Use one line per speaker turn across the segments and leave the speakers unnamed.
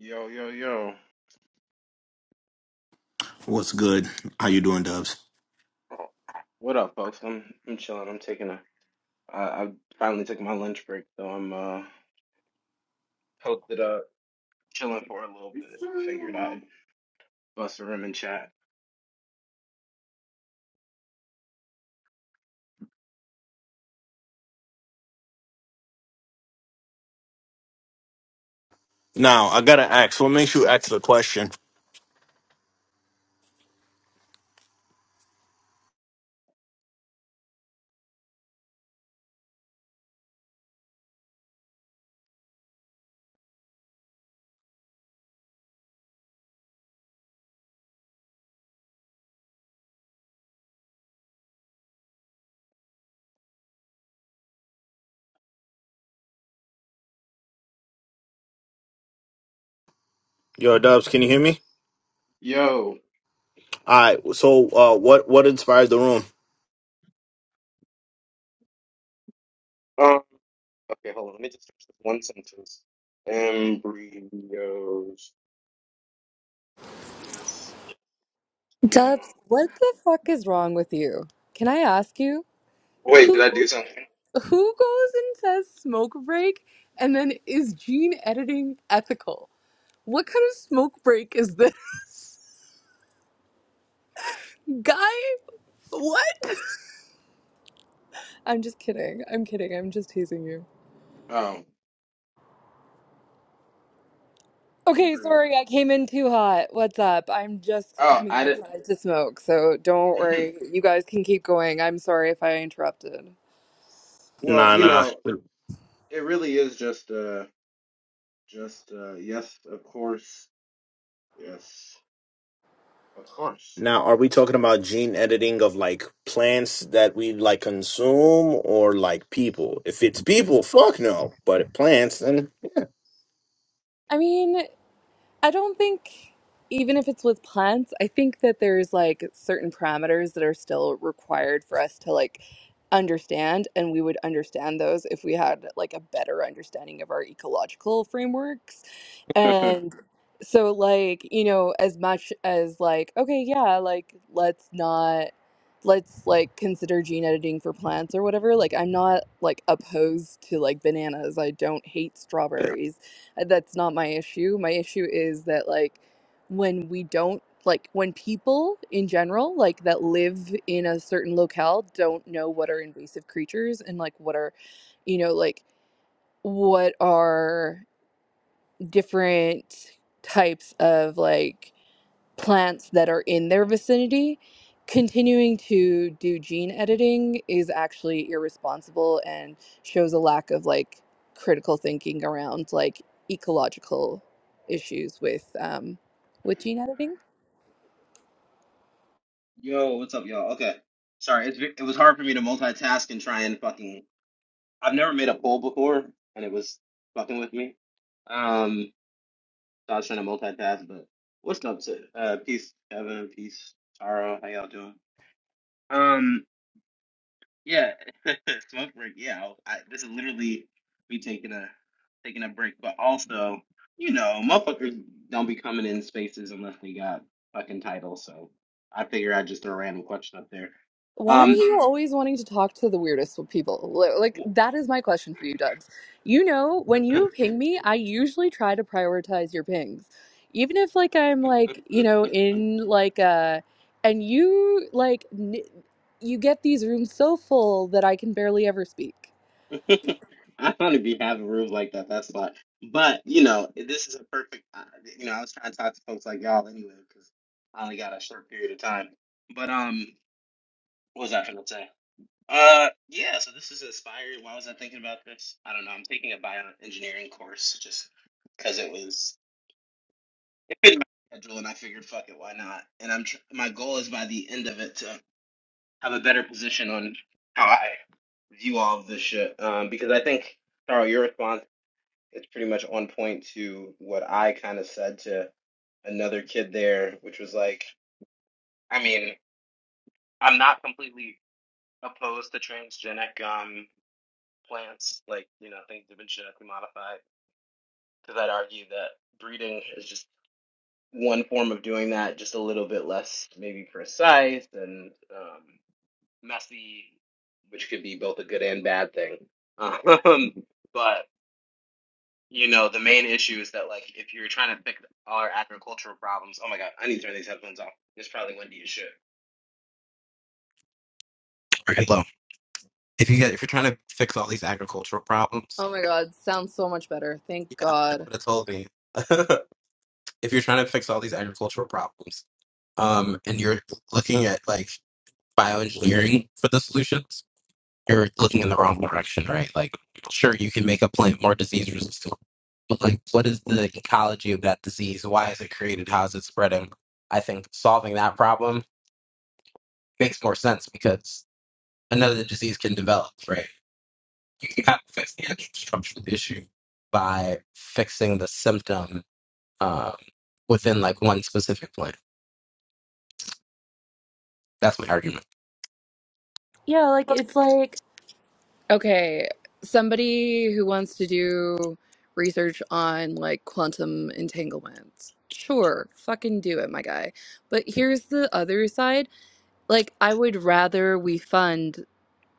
Yo, yo, yo.
What's good? How you doing, Dubs?
What up, folks? I'm I'm chilling. I'm taking a I, I finally took my lunch break, so I'm uh posted up, chilling for a little bit. Figured I'd bust a rim and chat.
Now I gotta ask. What makes you ask the question? Yo, Dubs, can you hear me?
Yo.
All right. So, uh, what what inspired the room?
Um. Okay, hold on. Let me just finish this one sentence. Embryos. Yes. No.
Dubs, what the fuck is wrong with you? Can I ask you
Wait, did
who
I do something?
who goes and says smoke break and then is gene editing ethical? What kind of smoke break is this? Guy, what? I'm just kidding. I'm kidding. I'm just teasing you.
Oh,
Okay,
embryo.
sorry, I came in too hot. What's up? I'm just
Oh,
coming
I did.
outside to smoke, so don't worry. You guys can keep going. I'm sorry if I interrupted.
well,
Nah,
you
nah.
know, it really is just uh, just uh, yes, of course, yes. Of course.
Now, are we talking about gene editing of like plants that we like consume or like people? If it's people, fuck no. But if plants, then
I mean, I don't think even if it's with plants, I think that there's like certain parameters that are still required for us to like understand and we would understand those if we had like a better understanding of our ecological frameworks. And so like, you know, as much as like okay, yeah, like let's not let's like consider gene editing for plants or whatever. Like I'm not like opposed to like bananas. I don't hate
yeah.
strawberries uh, That's not my issue. My issue is that like when we don't like when people in general like that live in a certain locale don't know what are invasive creatures and like what are you know like what are different types of like plants that are in their vicinity, continuing to do gene editing is actually irresponsible and shows a lack of like critical thinking around like ecological issues with um, with gene editing.
Yo, what's up, y'all? Okay, sorry, it's, it was hard for me to multitask and try and fucking. I've never made a poll before, and it was fucking with me. Um, so I was trying to multitask, but what's up, to, uh, peace, Kevin, peace, Tara, how y'all doing? Um, Yeah, smoke break. Yeah, I'll- I, this is literally me taking a taking a break. But also, you know, motherfuckers don't be coming in spaces unless they got fucking titles. So I figure I just throw a random question up there.
Why are
Um,
you always wanting to talk to the weirdest people? Li- Like,
w-
that is my question for you, Dubs. You know, when you ping me, I usually try to prioritize your pings. Even if, like, I'm, like, you know, in, like, uh, and you, like, n you get these rooms so full that I can barely ever speak.
I don't to be having rooms like that. That's a lot, But you know, this is a perfect. Uh, you know, I was trying to talk to folks like y'all anyway because I only got a short period of time. But um, what was I gonna say? Uh, yeah, so this is Aspire. Why was I thinking about this? I don't know. I'm taking a bioengineering course just because it was it fit my schedule, and I figured, fuck it, why not? And I'm tr my goal is by the end of it to have a better position on how I view all of this shit. Um, because I think, Carl, your response is pretty much on point to what I kind of said to another kid there, which was like, I mean, I'm not completely opposed to transgenic. Um, plants, like, you know, things that have been genetically modified. Because I'd argue that breeding is just one form of doing that, just a little bit less maybe precise and um, messy, which could be both a good and bad thing. Um, but, you know, the main issue is that, like, if you're trying to pick our agricultural problems, oh my God, I need to turn these headphones off. It's probably windy as shit. Okay, look, if you get if you're trying to fix all these agricultural problems,
Oh my God, sounds so much better. Thank
yeah, I wish I
God.
would have told me. if you're trying to fix all these agricultural problems um, and you're looking at like bioengineering for the solutions, you're looking in the wrong direction, right? Like, sure, you can make a plant more disease resistant, but like, what is the ecology of that disease? Why is it created? How is it spreading? I think solving that problem makes more sense because another disease can develop, right? You can kind of fix the actual structure of the issue by fixing the symptom um, within like one specific plant. That's my argument.
Yeah, like, it's like, Okay, somebody who wants to do research on like quantum entanglements. Sure, fucking do it, my guy. But here's the other side. Like, I would rather we fund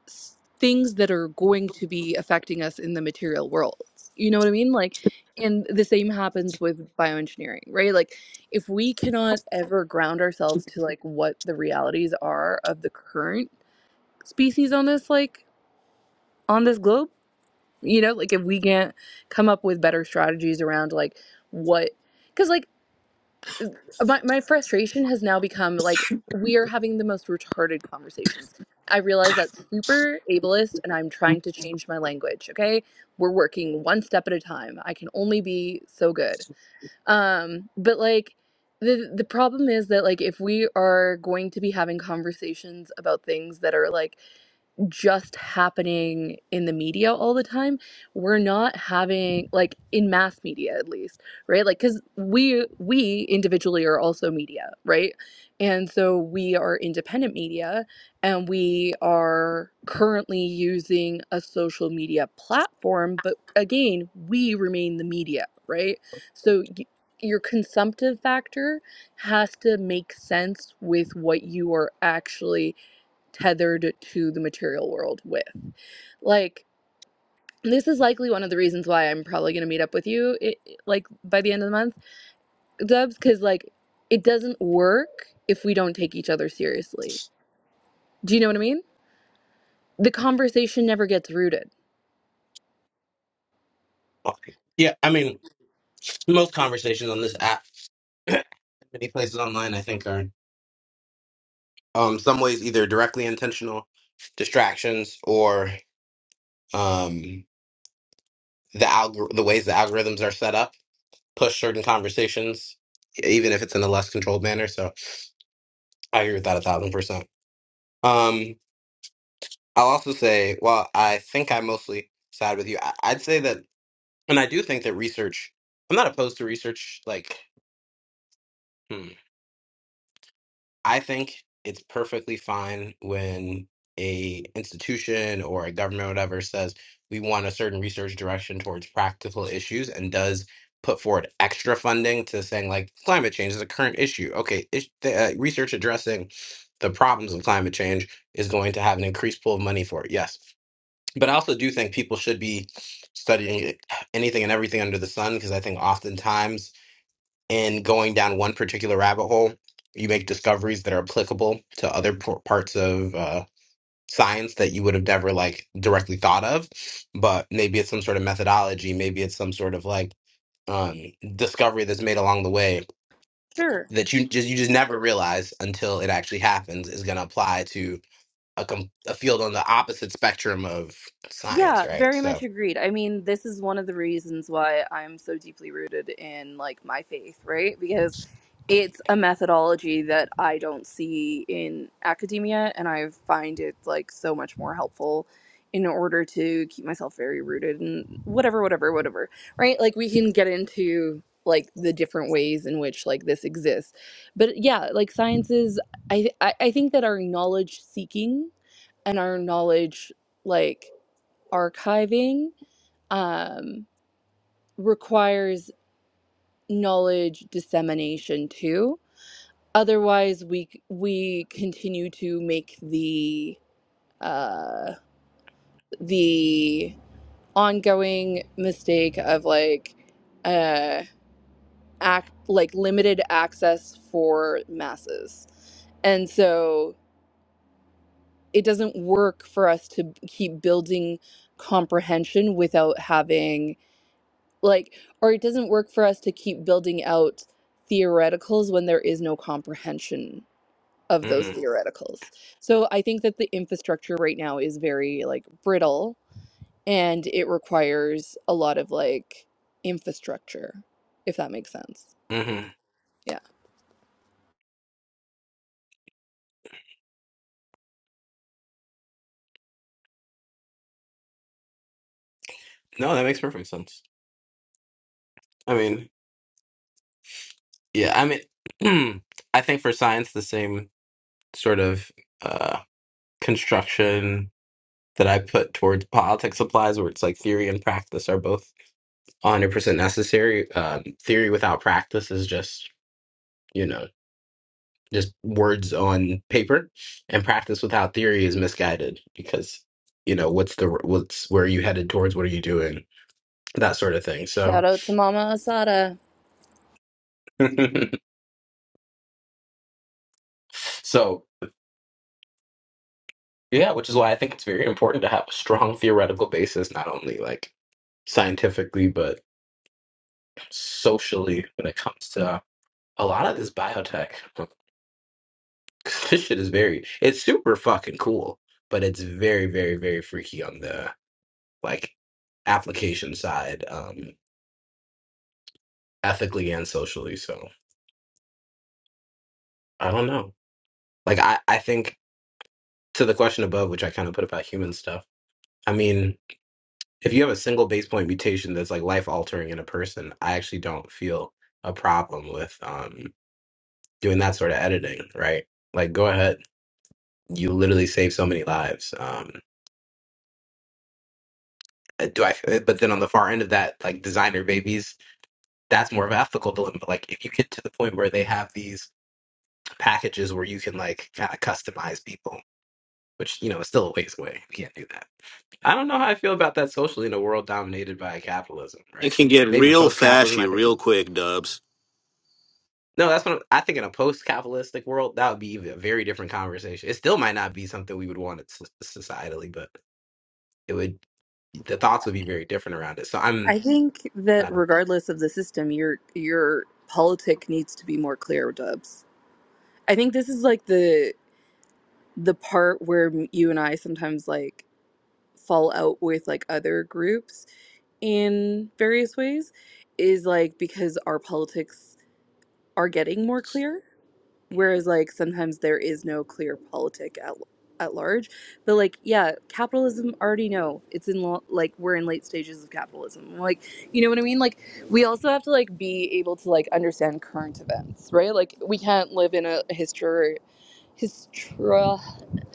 s- things that are going to be affecting us in the material world. You know what I mean? Like, and the same happens with bioengineering, right? Like, if we cannot ever ground ourselves to like what the realities are of the current species on this, like, on this globe you know like if we can't come up with better strategies around like what because like my, my frustration has now become like we are having the most retarded conversations i realize that's super ableist and i'm trying to change my language okay we're working one step at a time i can only be so good um but like the the problem is that like if we are going to be having conversations about things that are like just happening in the media all the time. We're not having like in mass media at least, right? Like cuz we we individually are also media, right? And so we are independent media and we are currently using a social media platform, but again, we remain the media, right? So y- your consumptive factor has to make sense with what you are actually tethered to the material world with. Like, this is likely one of the reasons why I'm probably going to meet up with you, i like, by the end of the month, Dubs, because, like, it doesn't work if we don't take each other seriously. Do you know what I mean? The conversation never gets rooted.
Okay. Yeah, I mean, most conversations on this app, many places online, I think, are um some ways either directly intentional distractions or um the algor- the ways the algorithms are set up push certain conversations, even if it's in a less controlled manner. So I agree with that a thousand percent. Um, I'll also say, while I think I mostly side with you, I- I'd say that, and I do think that research. I'm not opposed to research, like. hmm, I think it's perfectly fine when a institution or a government or whatever says we want a certain research direction towards practical issues and does put forward extra funding to saying like climate change is a current issue. Okay, is, the, uh, research addressing the problems of climate change is going to have an increased pool of money for it. Yes, but I also do think people should be studying anything and everything under the sun because I think oftentimes in going down one particular rabbit hole, you make discoveries that are applicable to other por- parts of uh, science that you would have never like directly thought of. But maybe it's some sort of methodology, maybe it's some sort of like um, discovery that's made along the way
Sure.
that you just you just never realize until it actually happens is going to apply to a, com- a field on the opposite spectrum of science,
Yeah,
right?
very much
So.
agreed. I mean, this is one of the reasons why I'm so deeply rooted in like my faith, right? Because it's a methodology that I don't see in academia and I find it like so much more helpful in order to keep myself very rooted and whatever whatever whatever, right? Like we can get into like the different ways in which like this exists. But yeah, like sciences I I, I think that our knowledge seeking and our knowledge like archiving um, requires knowledge dissemination too. Otherwise, we we continue to make the uh, the ongoing mistake of like uh, act like limited access for masses, and so it doesn't work for us to keep building comprehension without having like or it doesn't work for us to keep building out theoreticals when there is no comprehension of those
Mm-hmm.
theoreticals so i think that the infrastructure right now is very like brittle and it requires a lot of like infrastructure if that makes sense
Mm-hmm.
yeah
No, that makes perfect sense. I mean, Yeah, I mean, I think for science, the same sort of uh, construction that I put towards politics applies, where it's like theory and practice are both 100% necessary. Um, theory without practice is just, you know, just words on paper, and practice without theory is misguided because, you know, what's the what's where are you headed towards? What are you doing? That sort of thing.
shout
So,
out to mama asada
so. Yeah, which is why I think it's very important to have a strong theoretical basis, not only like scientifically, but socially when it comes to a lot of this biotech. This shit is very, it's super fucking cool, but it's very, very, very freaky on the like application side, um, ethically and socially. So I don't know. Like I, I think to the question above, which I kind of put about human stuff. I mean, if you have a single base point mutation that's like life altering in a person, I actually don't feel a problem with um doing that sort of editing, right? Like go ahead, you literally save so many lives. Um uh, do I but then on the far end of that, like designer babies, that's more of an ethical dilemma. Like if you get to the point where they have these packages where you can like kind of customize people, which you know is still a ways away. We can't do that. I don't know how I feel about that socially in a world dominated by capitalism,
it
right?
can get
Maybe
real
post capitalism,
fashy
I think
real quick, Dubs.
No, that's what I'm, I think in a post-capitalistic world, that would be even a very different conversation. It still might not be something we would want it so- societally, but it would the thoughts would be very different around it. So I'm
i think that
I don't
regardless of the system your your politic needs to be more clear dubs i think this is like the. the part where m- you and I sometimes like fall out with like other groups in various ways is like because our politics are getting more clear whereas like sometimes there is no clear politic at at large but like yeah capitalism already know it's in lo- like we're in late stages of capitalism like you know what i mean like we also have to like be able to like understand current events right like we can't live in a history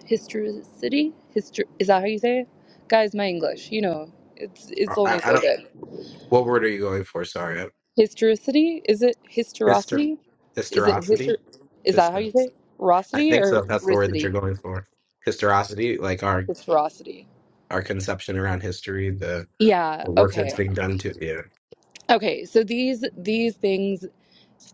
historicity. Histor- is that how you say it? Guys, my English, you know, it's
uh,
it's only
I, I
so
don't
good.
what word are you going for? Sorry, I-
Historicity? Is it
Hyster,
historicity? Is it
hysterosity,
histor? Is that how you
hyster.
say it?
I
Rosity
think so.
or
if That's the word that you're
ricity?
going for. Hysterosity, like our
Historicity.
our conception around history, the,
Yeah.
the work that's
Okay.
being done to
Okay. So these these things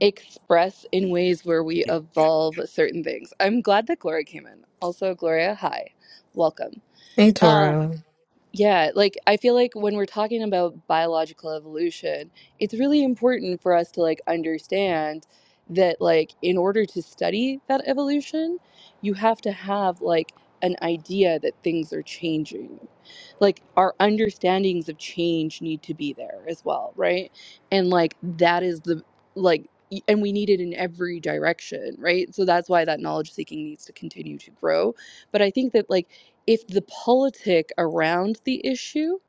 express in ways where we evolve certain things. I'm glad that Gloria came in. Also, Gloria, hi, welcome.
Hey
Um,
Toro.
Yeah, like I feel like when we're talking about biological evolution, it's really important for us to like understand that like in order to study that evolution, you have to have like an idea that things are changing. Like our understandings of change need to be there as well, right? And like that is the like y- and we need it in every direction, right? So that's why that knowledge seeking needs to continue to grow. But I think that like if the politic around the issue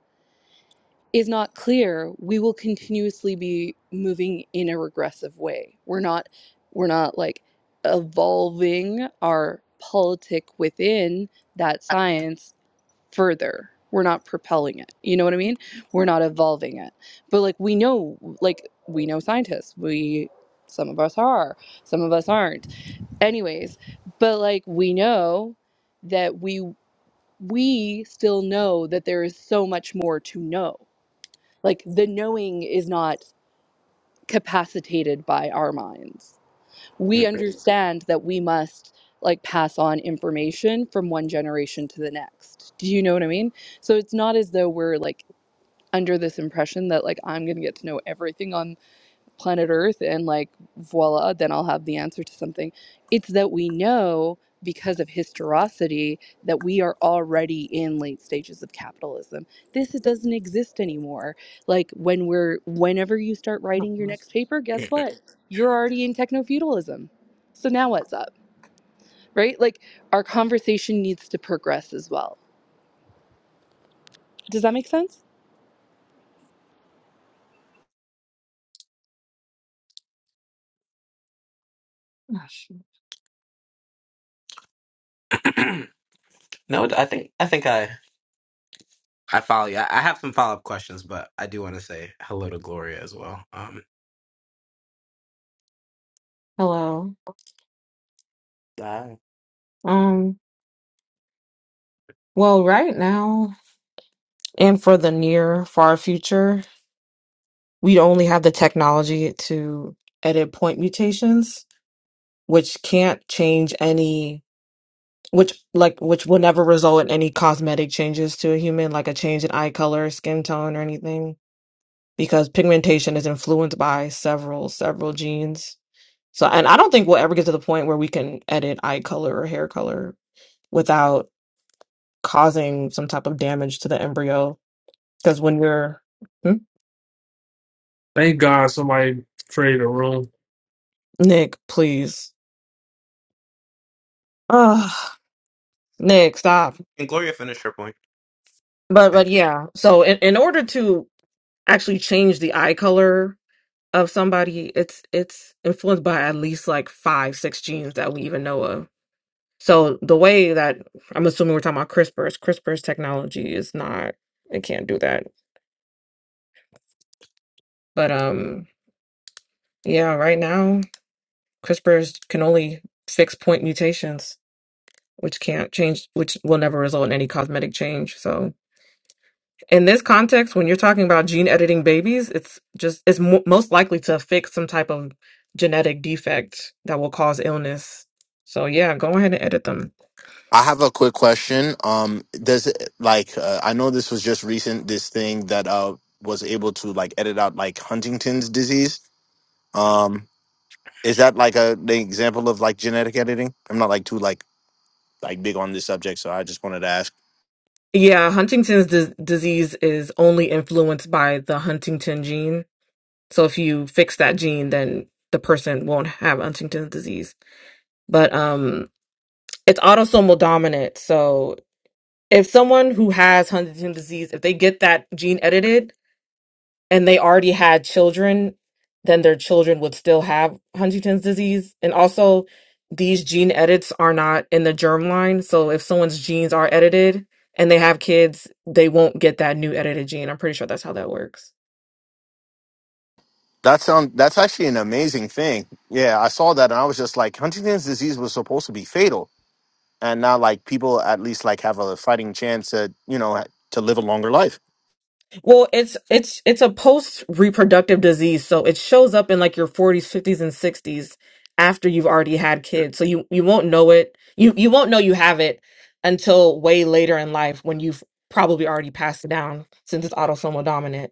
is not clear, we will continuously be moving in a regressive way. We're not we're not like evolving our politic within that science further. We're not propelling it. You know what I mean? We're not evolving it. But like we know like we know scientists. We some of us are, some of us aren't. Anyways, but like we know that we we still know that there is so much more to know. Like the knowing is not capacitated by our minds.
yeah.
We understand that we must like pass on information from one generation to the next. Do you know what I mean? So it's not as though we're like under this impression that like I'm going to get to know everything on planet Earth and like voila, then I'll have the answer to something. It's that we know because of historicity that we are already in late stages of capitalism. This doesn't exist anymore. Like when we're whenever you start writing your next paper, guess what? You're already in techno-feudalism. So now what's up? Right? Like our conversation needs to progress as well. Does that make sense?
no, I think I think I I follow you. I I have some follow up questions, but I do want to say hello to Gloria as well. Um,
Hello.
Wow.
Um, well, right now and for the near far future, we only have the technology to edit point mutations, which can't change any which like which will never result in any cosmetic changes to a human, like a change in eye color, skin tone, or anything, because pigmentation is influenced by several, several genes. So, and I don't think we'll ever get to the point where we can edit eye color or hair color without causing some type of damage to the embryo. Because when you're Hmm?
Thank God somebody created a room.
Nick, please, ah, Nick, stop.
and Gloria finished her point.
But but
Thank you.
yeah, so in, in order to actually change the eye color of somebody, it's it's influenced by at least like five six genes that we even know of. So the way that I'm assuming we're talking about CRISPR's CRISPR's technology is not it can't do that. But um yeah, right now CRISPR's can only fix point mutations which can't change, which will never result in any cosmetic change. So, in this context, when you're talking about gene editing babies, it's just it's mo- most likely to fix some type of genetic defect that will cause illness. So, yeah, go ahead and edit them.
I have a quick question. Um, does it, like uh, I know this was just recent this thing that uh was able to like edit out like Huntington's disease. Um, is that like a the example of like genetic editing? I'm not like too like like big on this subject, so I just wanted to ask.
Yeah, Huntington's dis disease is only influenced by the Huntington gene. So, if you fix that gene, then the person won't have Huntington's disease. But um, it's autosomal dominant. So if someone who has Huntington disease, if they get that gene edited and they already had children, then their children would still have Huntington's disease. And also, these gene edits are not in the germline. So if someone's genes are edited and they have kids, they won't get that new edited gene. I'm pretty sure that's how that works.
That sound that's actually an amazing thing. Yeah, I saw that and I was just like Huntington's disease was supposed to be fatal, and now like people at least like have a fighting chance to you know to live a longer life.
Well, it's it's it's a post reproductive disease, so it shows up in like your 40s, 50s and 60s after you've already had kids. So you you won't know it. You you won't know you have it until way later in life when you've probably already passed it down since it's autosomal dominant,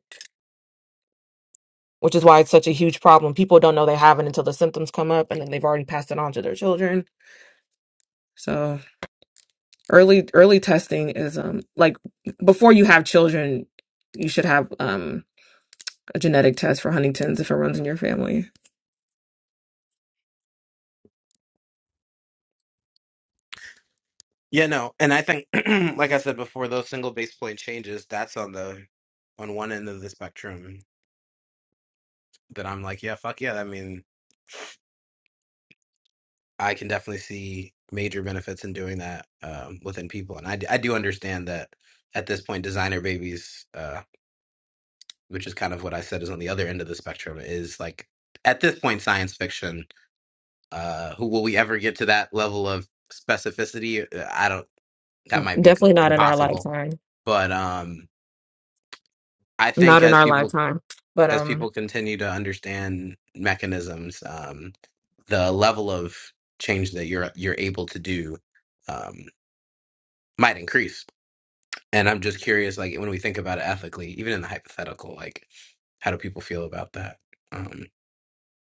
which is why it's such a huge problem. People don't know they have it until the symptoms come up and then they've already passed it on to their children. So early early testing is um like before you have children, you should have um a genetic test for Huntington's if it runs in your family.
Yeah, no, and I think, like I said before, those single base point changes. That's on the on one end of the spectrum that I'm like, yeah, fuck yeah. I mean, I can definitely see major benefits in doing that um, within people, and I d- I do understand that at this point, designer babies, uh, which is kind of what I said, is on the other end of the spectrum, is like at this point science fiction Uh, who will we ever get to that level of specificity? Uh, I don't. That might be con-
Definitely not in our
impossible.
lifetime.
But um, I think
Not in
as
our
people
lifetime. But
as
um
people continue to understand mechanisms, um, the level of change that you're you're able to do um, might increase. And I'm just curious, like when we think about it ethically, even in the hypothetical, like how do people feel about that? Um,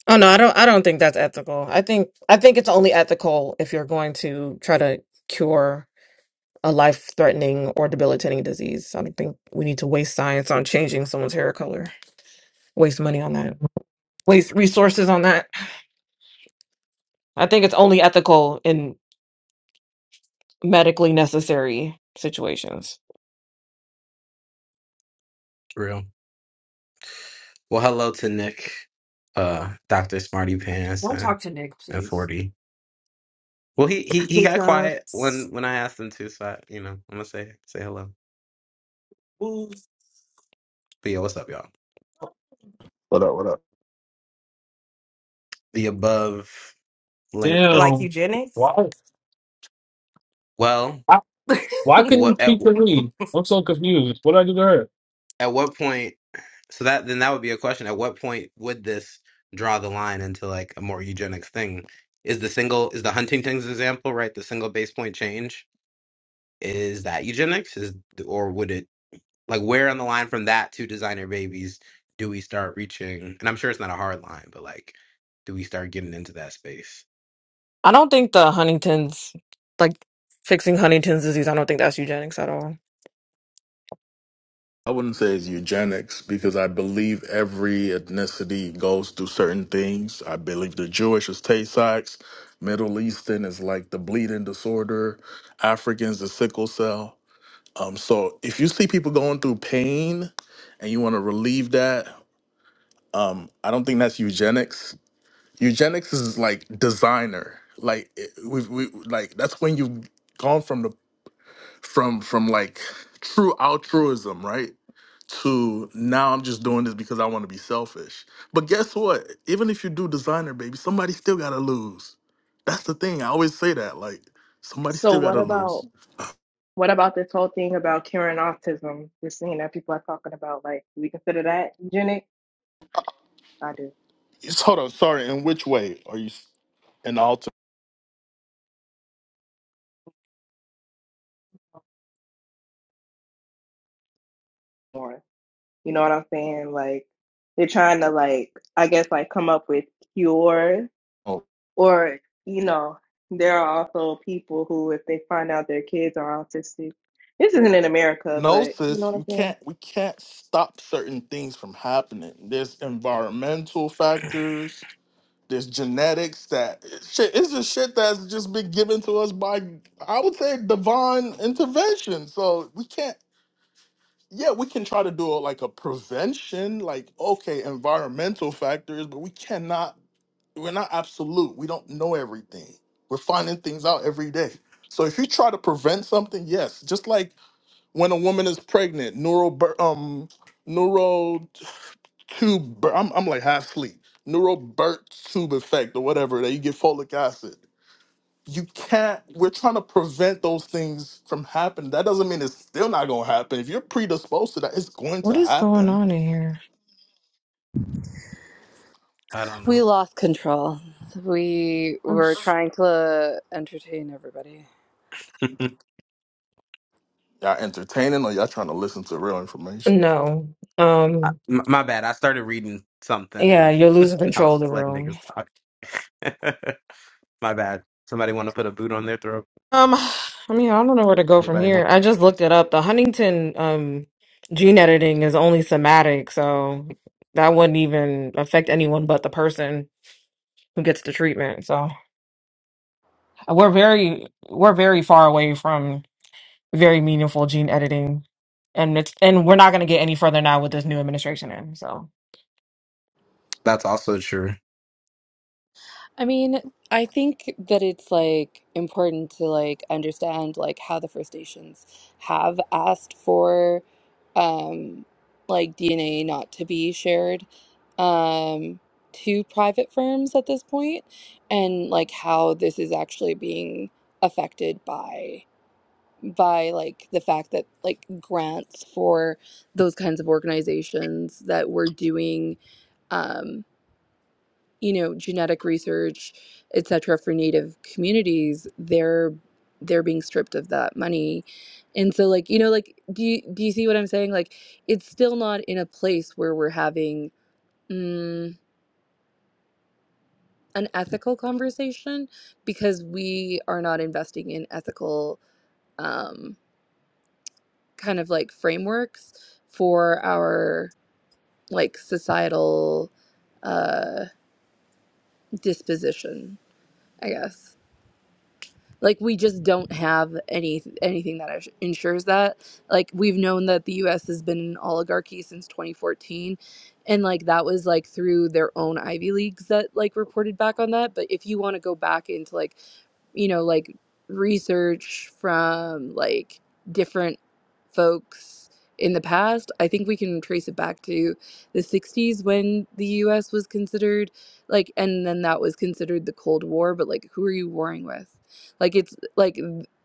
oh no, I don't I don't think that's ethical. I think I think it's only ethical if you're going to try to cure a life threatening or debilitating disease. I don't think we need to waste science on changing someone's hair color, waste money on that, waste resources on that. I think it's only ethical in medically necessary situations.
real. Well, hello to Nick, uh, Doctor Smarty Pants,
Don't
uh,
talk to Nick,
and
please.
Forty. Well, he he he got quiet
hiccups,
when when I asked him to, so I, you know, I'm gonna say say hello. But yeah, what's up, y'all?
What up? What up?
The above link that
like
Damn.
eugenics.
Why?
well,
Why, why couldn't you
what at
speak to me? I'm so confused. What did I do to her?
at what point? So that then that would be a question. At what point would this draw the line into like a more eugenics thing? Is the single is the Huntington's example right? The single base point change is that eugenics is or would it? Like, where on the line from that to designer babies do we start reaching? And I'm sure it's not a hard line, but like, do we start getting into that space?
I don't think the Huntington's like fixing Huntington's disease. I don't think that's eugenics at all.
I wouldn't say it's eugenics because I believe every ethnicity goes through certain things. I believe the Jewish is Tay Sachs, Middle Eastern is like the bleeding disorder, Africans the sickle cell. Um, so if you see people going through pain and you want to relieve that, um, I don't think that's eugenics. Eugenics is like designer. Like it- we, we like that's when you've gone from the from from like true altruism, right? to now I'm just doing this because I want to be selfish. But guess what? Even if you do designer, baby, somebody still got to lose. That's the thing. I always say that. Like, somebody
So
still got
what
to
about
lose.
what about this whole thing about curing autism? We're seeing that people are talking about like do we consider that eugenic? I do
Yes, Hold on. Sorry. In which way are you s- an alter?
more. You know what I'm saying? Like they're trying to like I guess like come up with cures
oh.
or you know there are also people who if they find out their kids are autistic. This isn't in America,
No,
but you know
sis,
what I'm
you
saying?
can't. We can't stop certain things from happening. There's environmental factors. There's genetics that shit. It's just shit that's just been given to us by, I would say, divine intervention. So we can't yeah, we can try to do a, like a prevention, like okay, environmental factors, but we cannot. We're not absolute. We don't know everything. We're finding things out every day. So if you try to prevent something, yes, just like when a woman is pregnant, neural, bir- um, neural tube. bir- I'm I'm like half asleep. Neural birth tube effect or whatever that you get folic acid you can't we're trying to prevent those things from happening that doesn't mean it's still not going to happen if you're predisposed to that it's going
What
to
is going
happen
on in here?
We
No.
lost control. We were
Oops.
trying to entertain everybody.
I,
y'all entertaining or y'all trying to listen to real information
No. Um,
m- my bad. I started reading something
yeah,
and
you're losing
I
control
was
of the
just letting
room.
niggas talk. my bad. Somebody want to put a boot on their throat?
Um, I mean, I don't know where to go from
Anybody
here.
want?
I just looked it up. The Huntington um gene editing is only somatic, so that wouldn't even affect anyone but the person. who gets the treatment. So we're very we're very far away from very meaningful gene editing, and it's and we're not going to get any further now with this new administration in. So
That's also true.
I mean, I think that it's like important to like understand like how the First Nations have asked for um like DNA not to be shared um to private firms at this point and like how this is actually being affected by by like the fact that like grants for those kinds of organizations that were doing um you know genetic research et cetera for native communities they're they're being stripped of that money and so like you know like do you, do you see what i'm saying like it's still not in a place where we're having mm, an ethical conversation because we are not investing in ethical um, kind of like frameworks for our like societal uh disposition i guess like we just don't have any anything that ins- ensures that like we've known that the US has been an oligarchy since 2014 and like that was like through their own Ivy leagues that like reported back on that but if you want to go back into like you know, like research from like different folks in the past, I think we can trace it back to the 60s when the US was considered like, and then that was considered the Cold War, but like, who are you warring with? Like, it's like,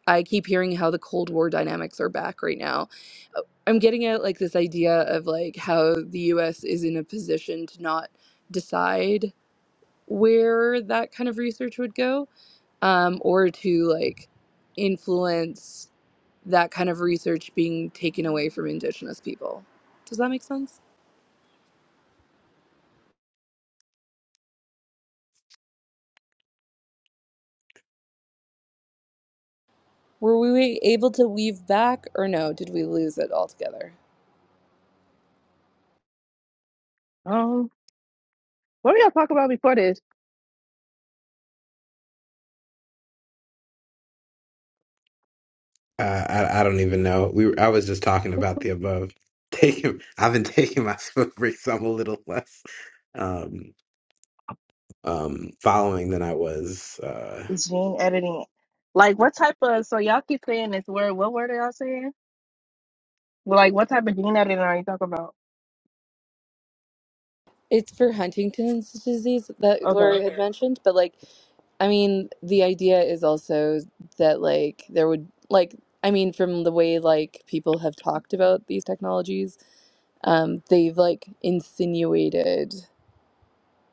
I keep hearing how the Cold War dynamics are back right now. Uh, I'm getting at like this idea of like how the US is in a position to not decide where that kind of research would go um, or to like influence that kind of research being taken away from Indigenous people. Does that make sense? Were we able to weave back, or no? Did we lose it altogether?
Um, what were y'all talking about before this?
Uh, I I don't even know. We were, I was just talking about the above. Taking I've been taking my smoke breaks. I'm a little less. Um. um, following than I was. Uh,
gene editing. Like what type of so y'all keep saying this word, what word are y'all saying? Well, Like what type of gene editing are you talking about?
It's for Huntington's disease that
Okay.
Gloria had Okay. mentioned, but like, I mean, the idea is also that like there would like, I mean, from the way like people have talked about these technologies, um, they've like insinuated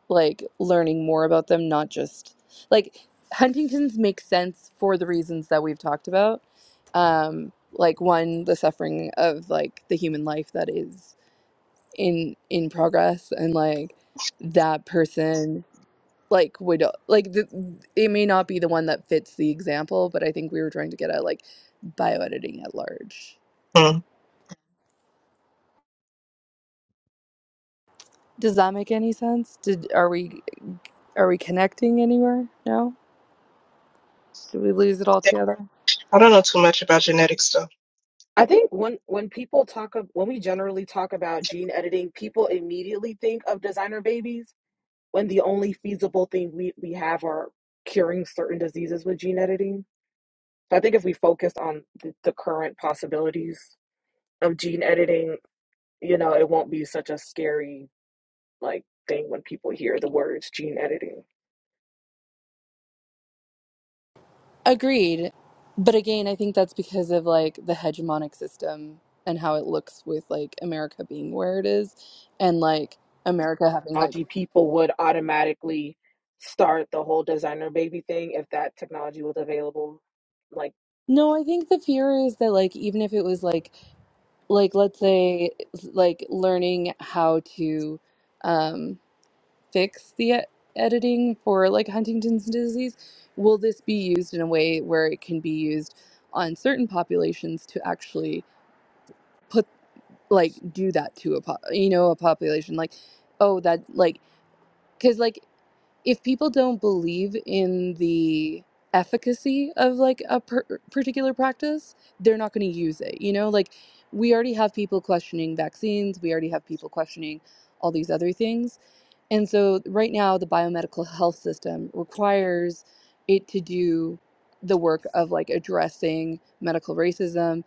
like learning more about them, not just like Huntington's makes sense for the reasons that we've talked about. Um, like one, the suffering of like the human life that is in in progress, and like that person like would like the, it may not be the one that fits the example, but I think we were trying to get at like bioediting at large.
Hmm.
Does that make any sense? Did are we are we connecting anywhere? No? Did we lose it all together?
I don't know too much about genetic stuff.
I think when when people talk of when we generally talk about gene editing, people immediately think of designer babies. when the only feasible thing we, we have are curing certain diseases with gene editing. So I think if we focus on the, the current possibilities of gene editing, you know, it won't be such a scary like thing when people hear the words gene editing.
Agreed. But again, I think that's because of like the hegemonic system and how it looks with like America being where it is and like America having like
Technology people would automatically start the whole designer baby thing if that technology was available like?
No, I think the fear is that like even if it was like like let's say like learning how to um fix the e- editing for like Huntington's disease, will this be used in a way where it can be used on certain populations to actually put. like do that to a po- you know a population like oh that like because like if people don't believe in the efficacy of like a per- particular practice they're not going to use it you know like we already have people questioning vaccines we already have people questioning all these other things and so right now the biomedical health system requires it to do the work of like addressing medical racism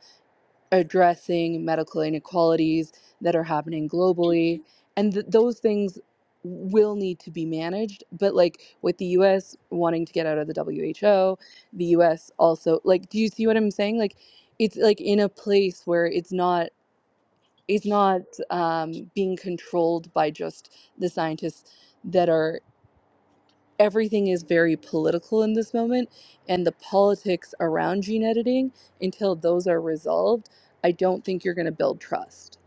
addressing medical inequalities that are happening globally and th- those things will need to be managed but like with the US wanting to get out of the WHO the US also like do you see what I'm saying like it's like in a place where it's not it's not um, being controlled by just the scientists that are everything is very political in this moment and the politics around gene editing until those are resolved i don't think you're going to build trust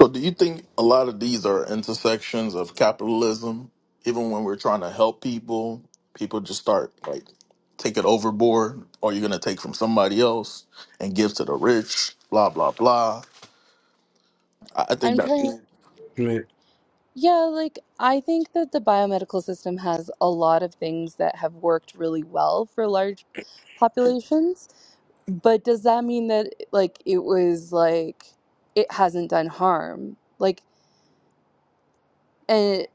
so do you think a lot of these are intersections of capitalism even when we're trying to help people people just start like take it overboard or you're going to take from somebody else and give to the rich blah blah blah i I think
i'm
that
trying
I mean,
yeah, like I think that the biomedical system has a lot of things that have worked really well for large populations, but does that mean that like it was like it hasn't done harm? Like, and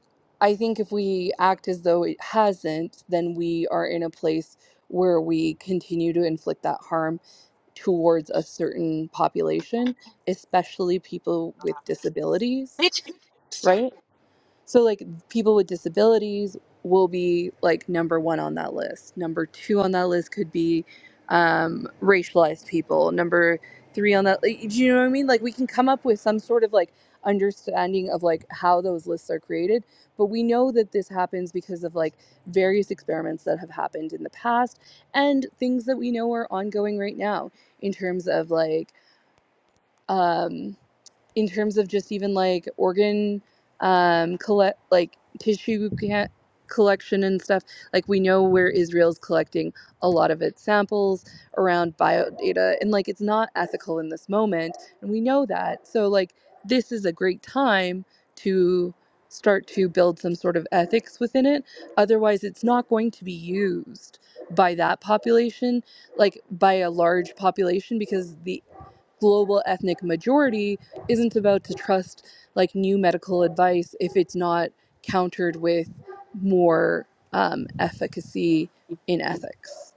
I think if we act as though it hasn't, then we are in a place where we continue to inflict that harm towards a certain population, especially people with disabilities,
Which, sir,
right? So, like, people with disabilities will be like number one on that list. Number two on that list could be um, racialized people. Number three on that, like, do you know what I mean? Like, we can come up with some sort of like understanding of like how those lists are created, but we know that this happens because of like various experiments that have happened in the past and things that we know are ongoing right now in terms of like um, in terms of just even like organ um, collect like tissue ca- collection and stuff like we know where israel's collecting a lot of its samples around biodata and like it's not ethical in this moment and we know that so like this is a great time to start to build some sort of ethics within it otherwise it's not going to be used by that population like by a large population because the global ethnic majority isn't about to trust like new medical advice if it's not countered with more um, efficacy in ethics.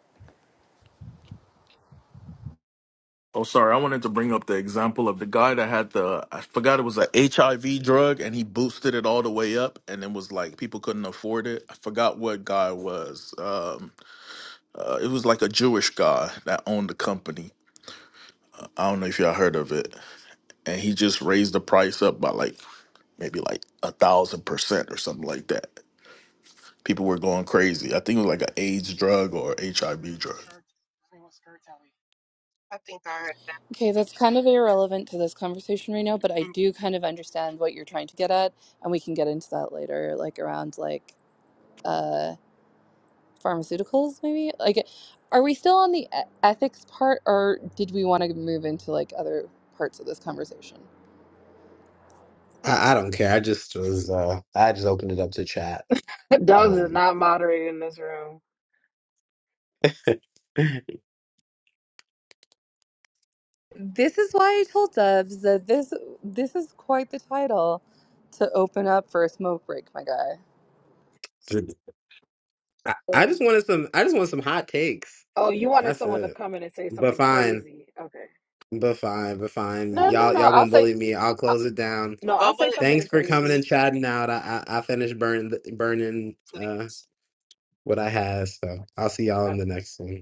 Oh, sorry. I wanted to bring up the example of the guy that had the, I forgot it was a HIV drug and he boosted it all the way up and it was like people couldn't afford it. I forgot what guy it was. Um, uh, it was like a Jewish guy that owned the company. I don't know if y'all heard of it. And he just raised the price up by like maybe like a thousand percent or something like that. People were going crazy. I think it was like an AIDS drug or HIV
Pretty
drug.
skirt. throw a skirt alley.
I think I heard.
Okay, that's kind of irrelevant to this conversation right now, but I
Mm,
do kind of understand what you're trying to get at, and we can get into that later, like around like uh pharmaceuticals maybe like are we still on the e- ethics part or did we want to move into like other parts of this conversation
I, I don't care. I just was. Uh, I just opened it up to chat.
Dogs is
Um,
not moderated in this room.
I,
this is why i told dubs that this this is quite the title to open up for a smoke break my guy
I
Or-
just wanted some. I just want some hot takes.
Oh, you wanted
That's
someone to
it.
come in and say
But
something
fine.
crazy. Okay.
But fine. But fine.
No, no,
Y'all,
no.
y'all
I'll
gonna
say,
bully me. I'll
I-
close it down.
no, I'll
What would
say
it,
something
Thanks for coming
crazy.
and chatting out. I I, I finished burning burning uh
please?
what I had, so I'll see y'all in the next one.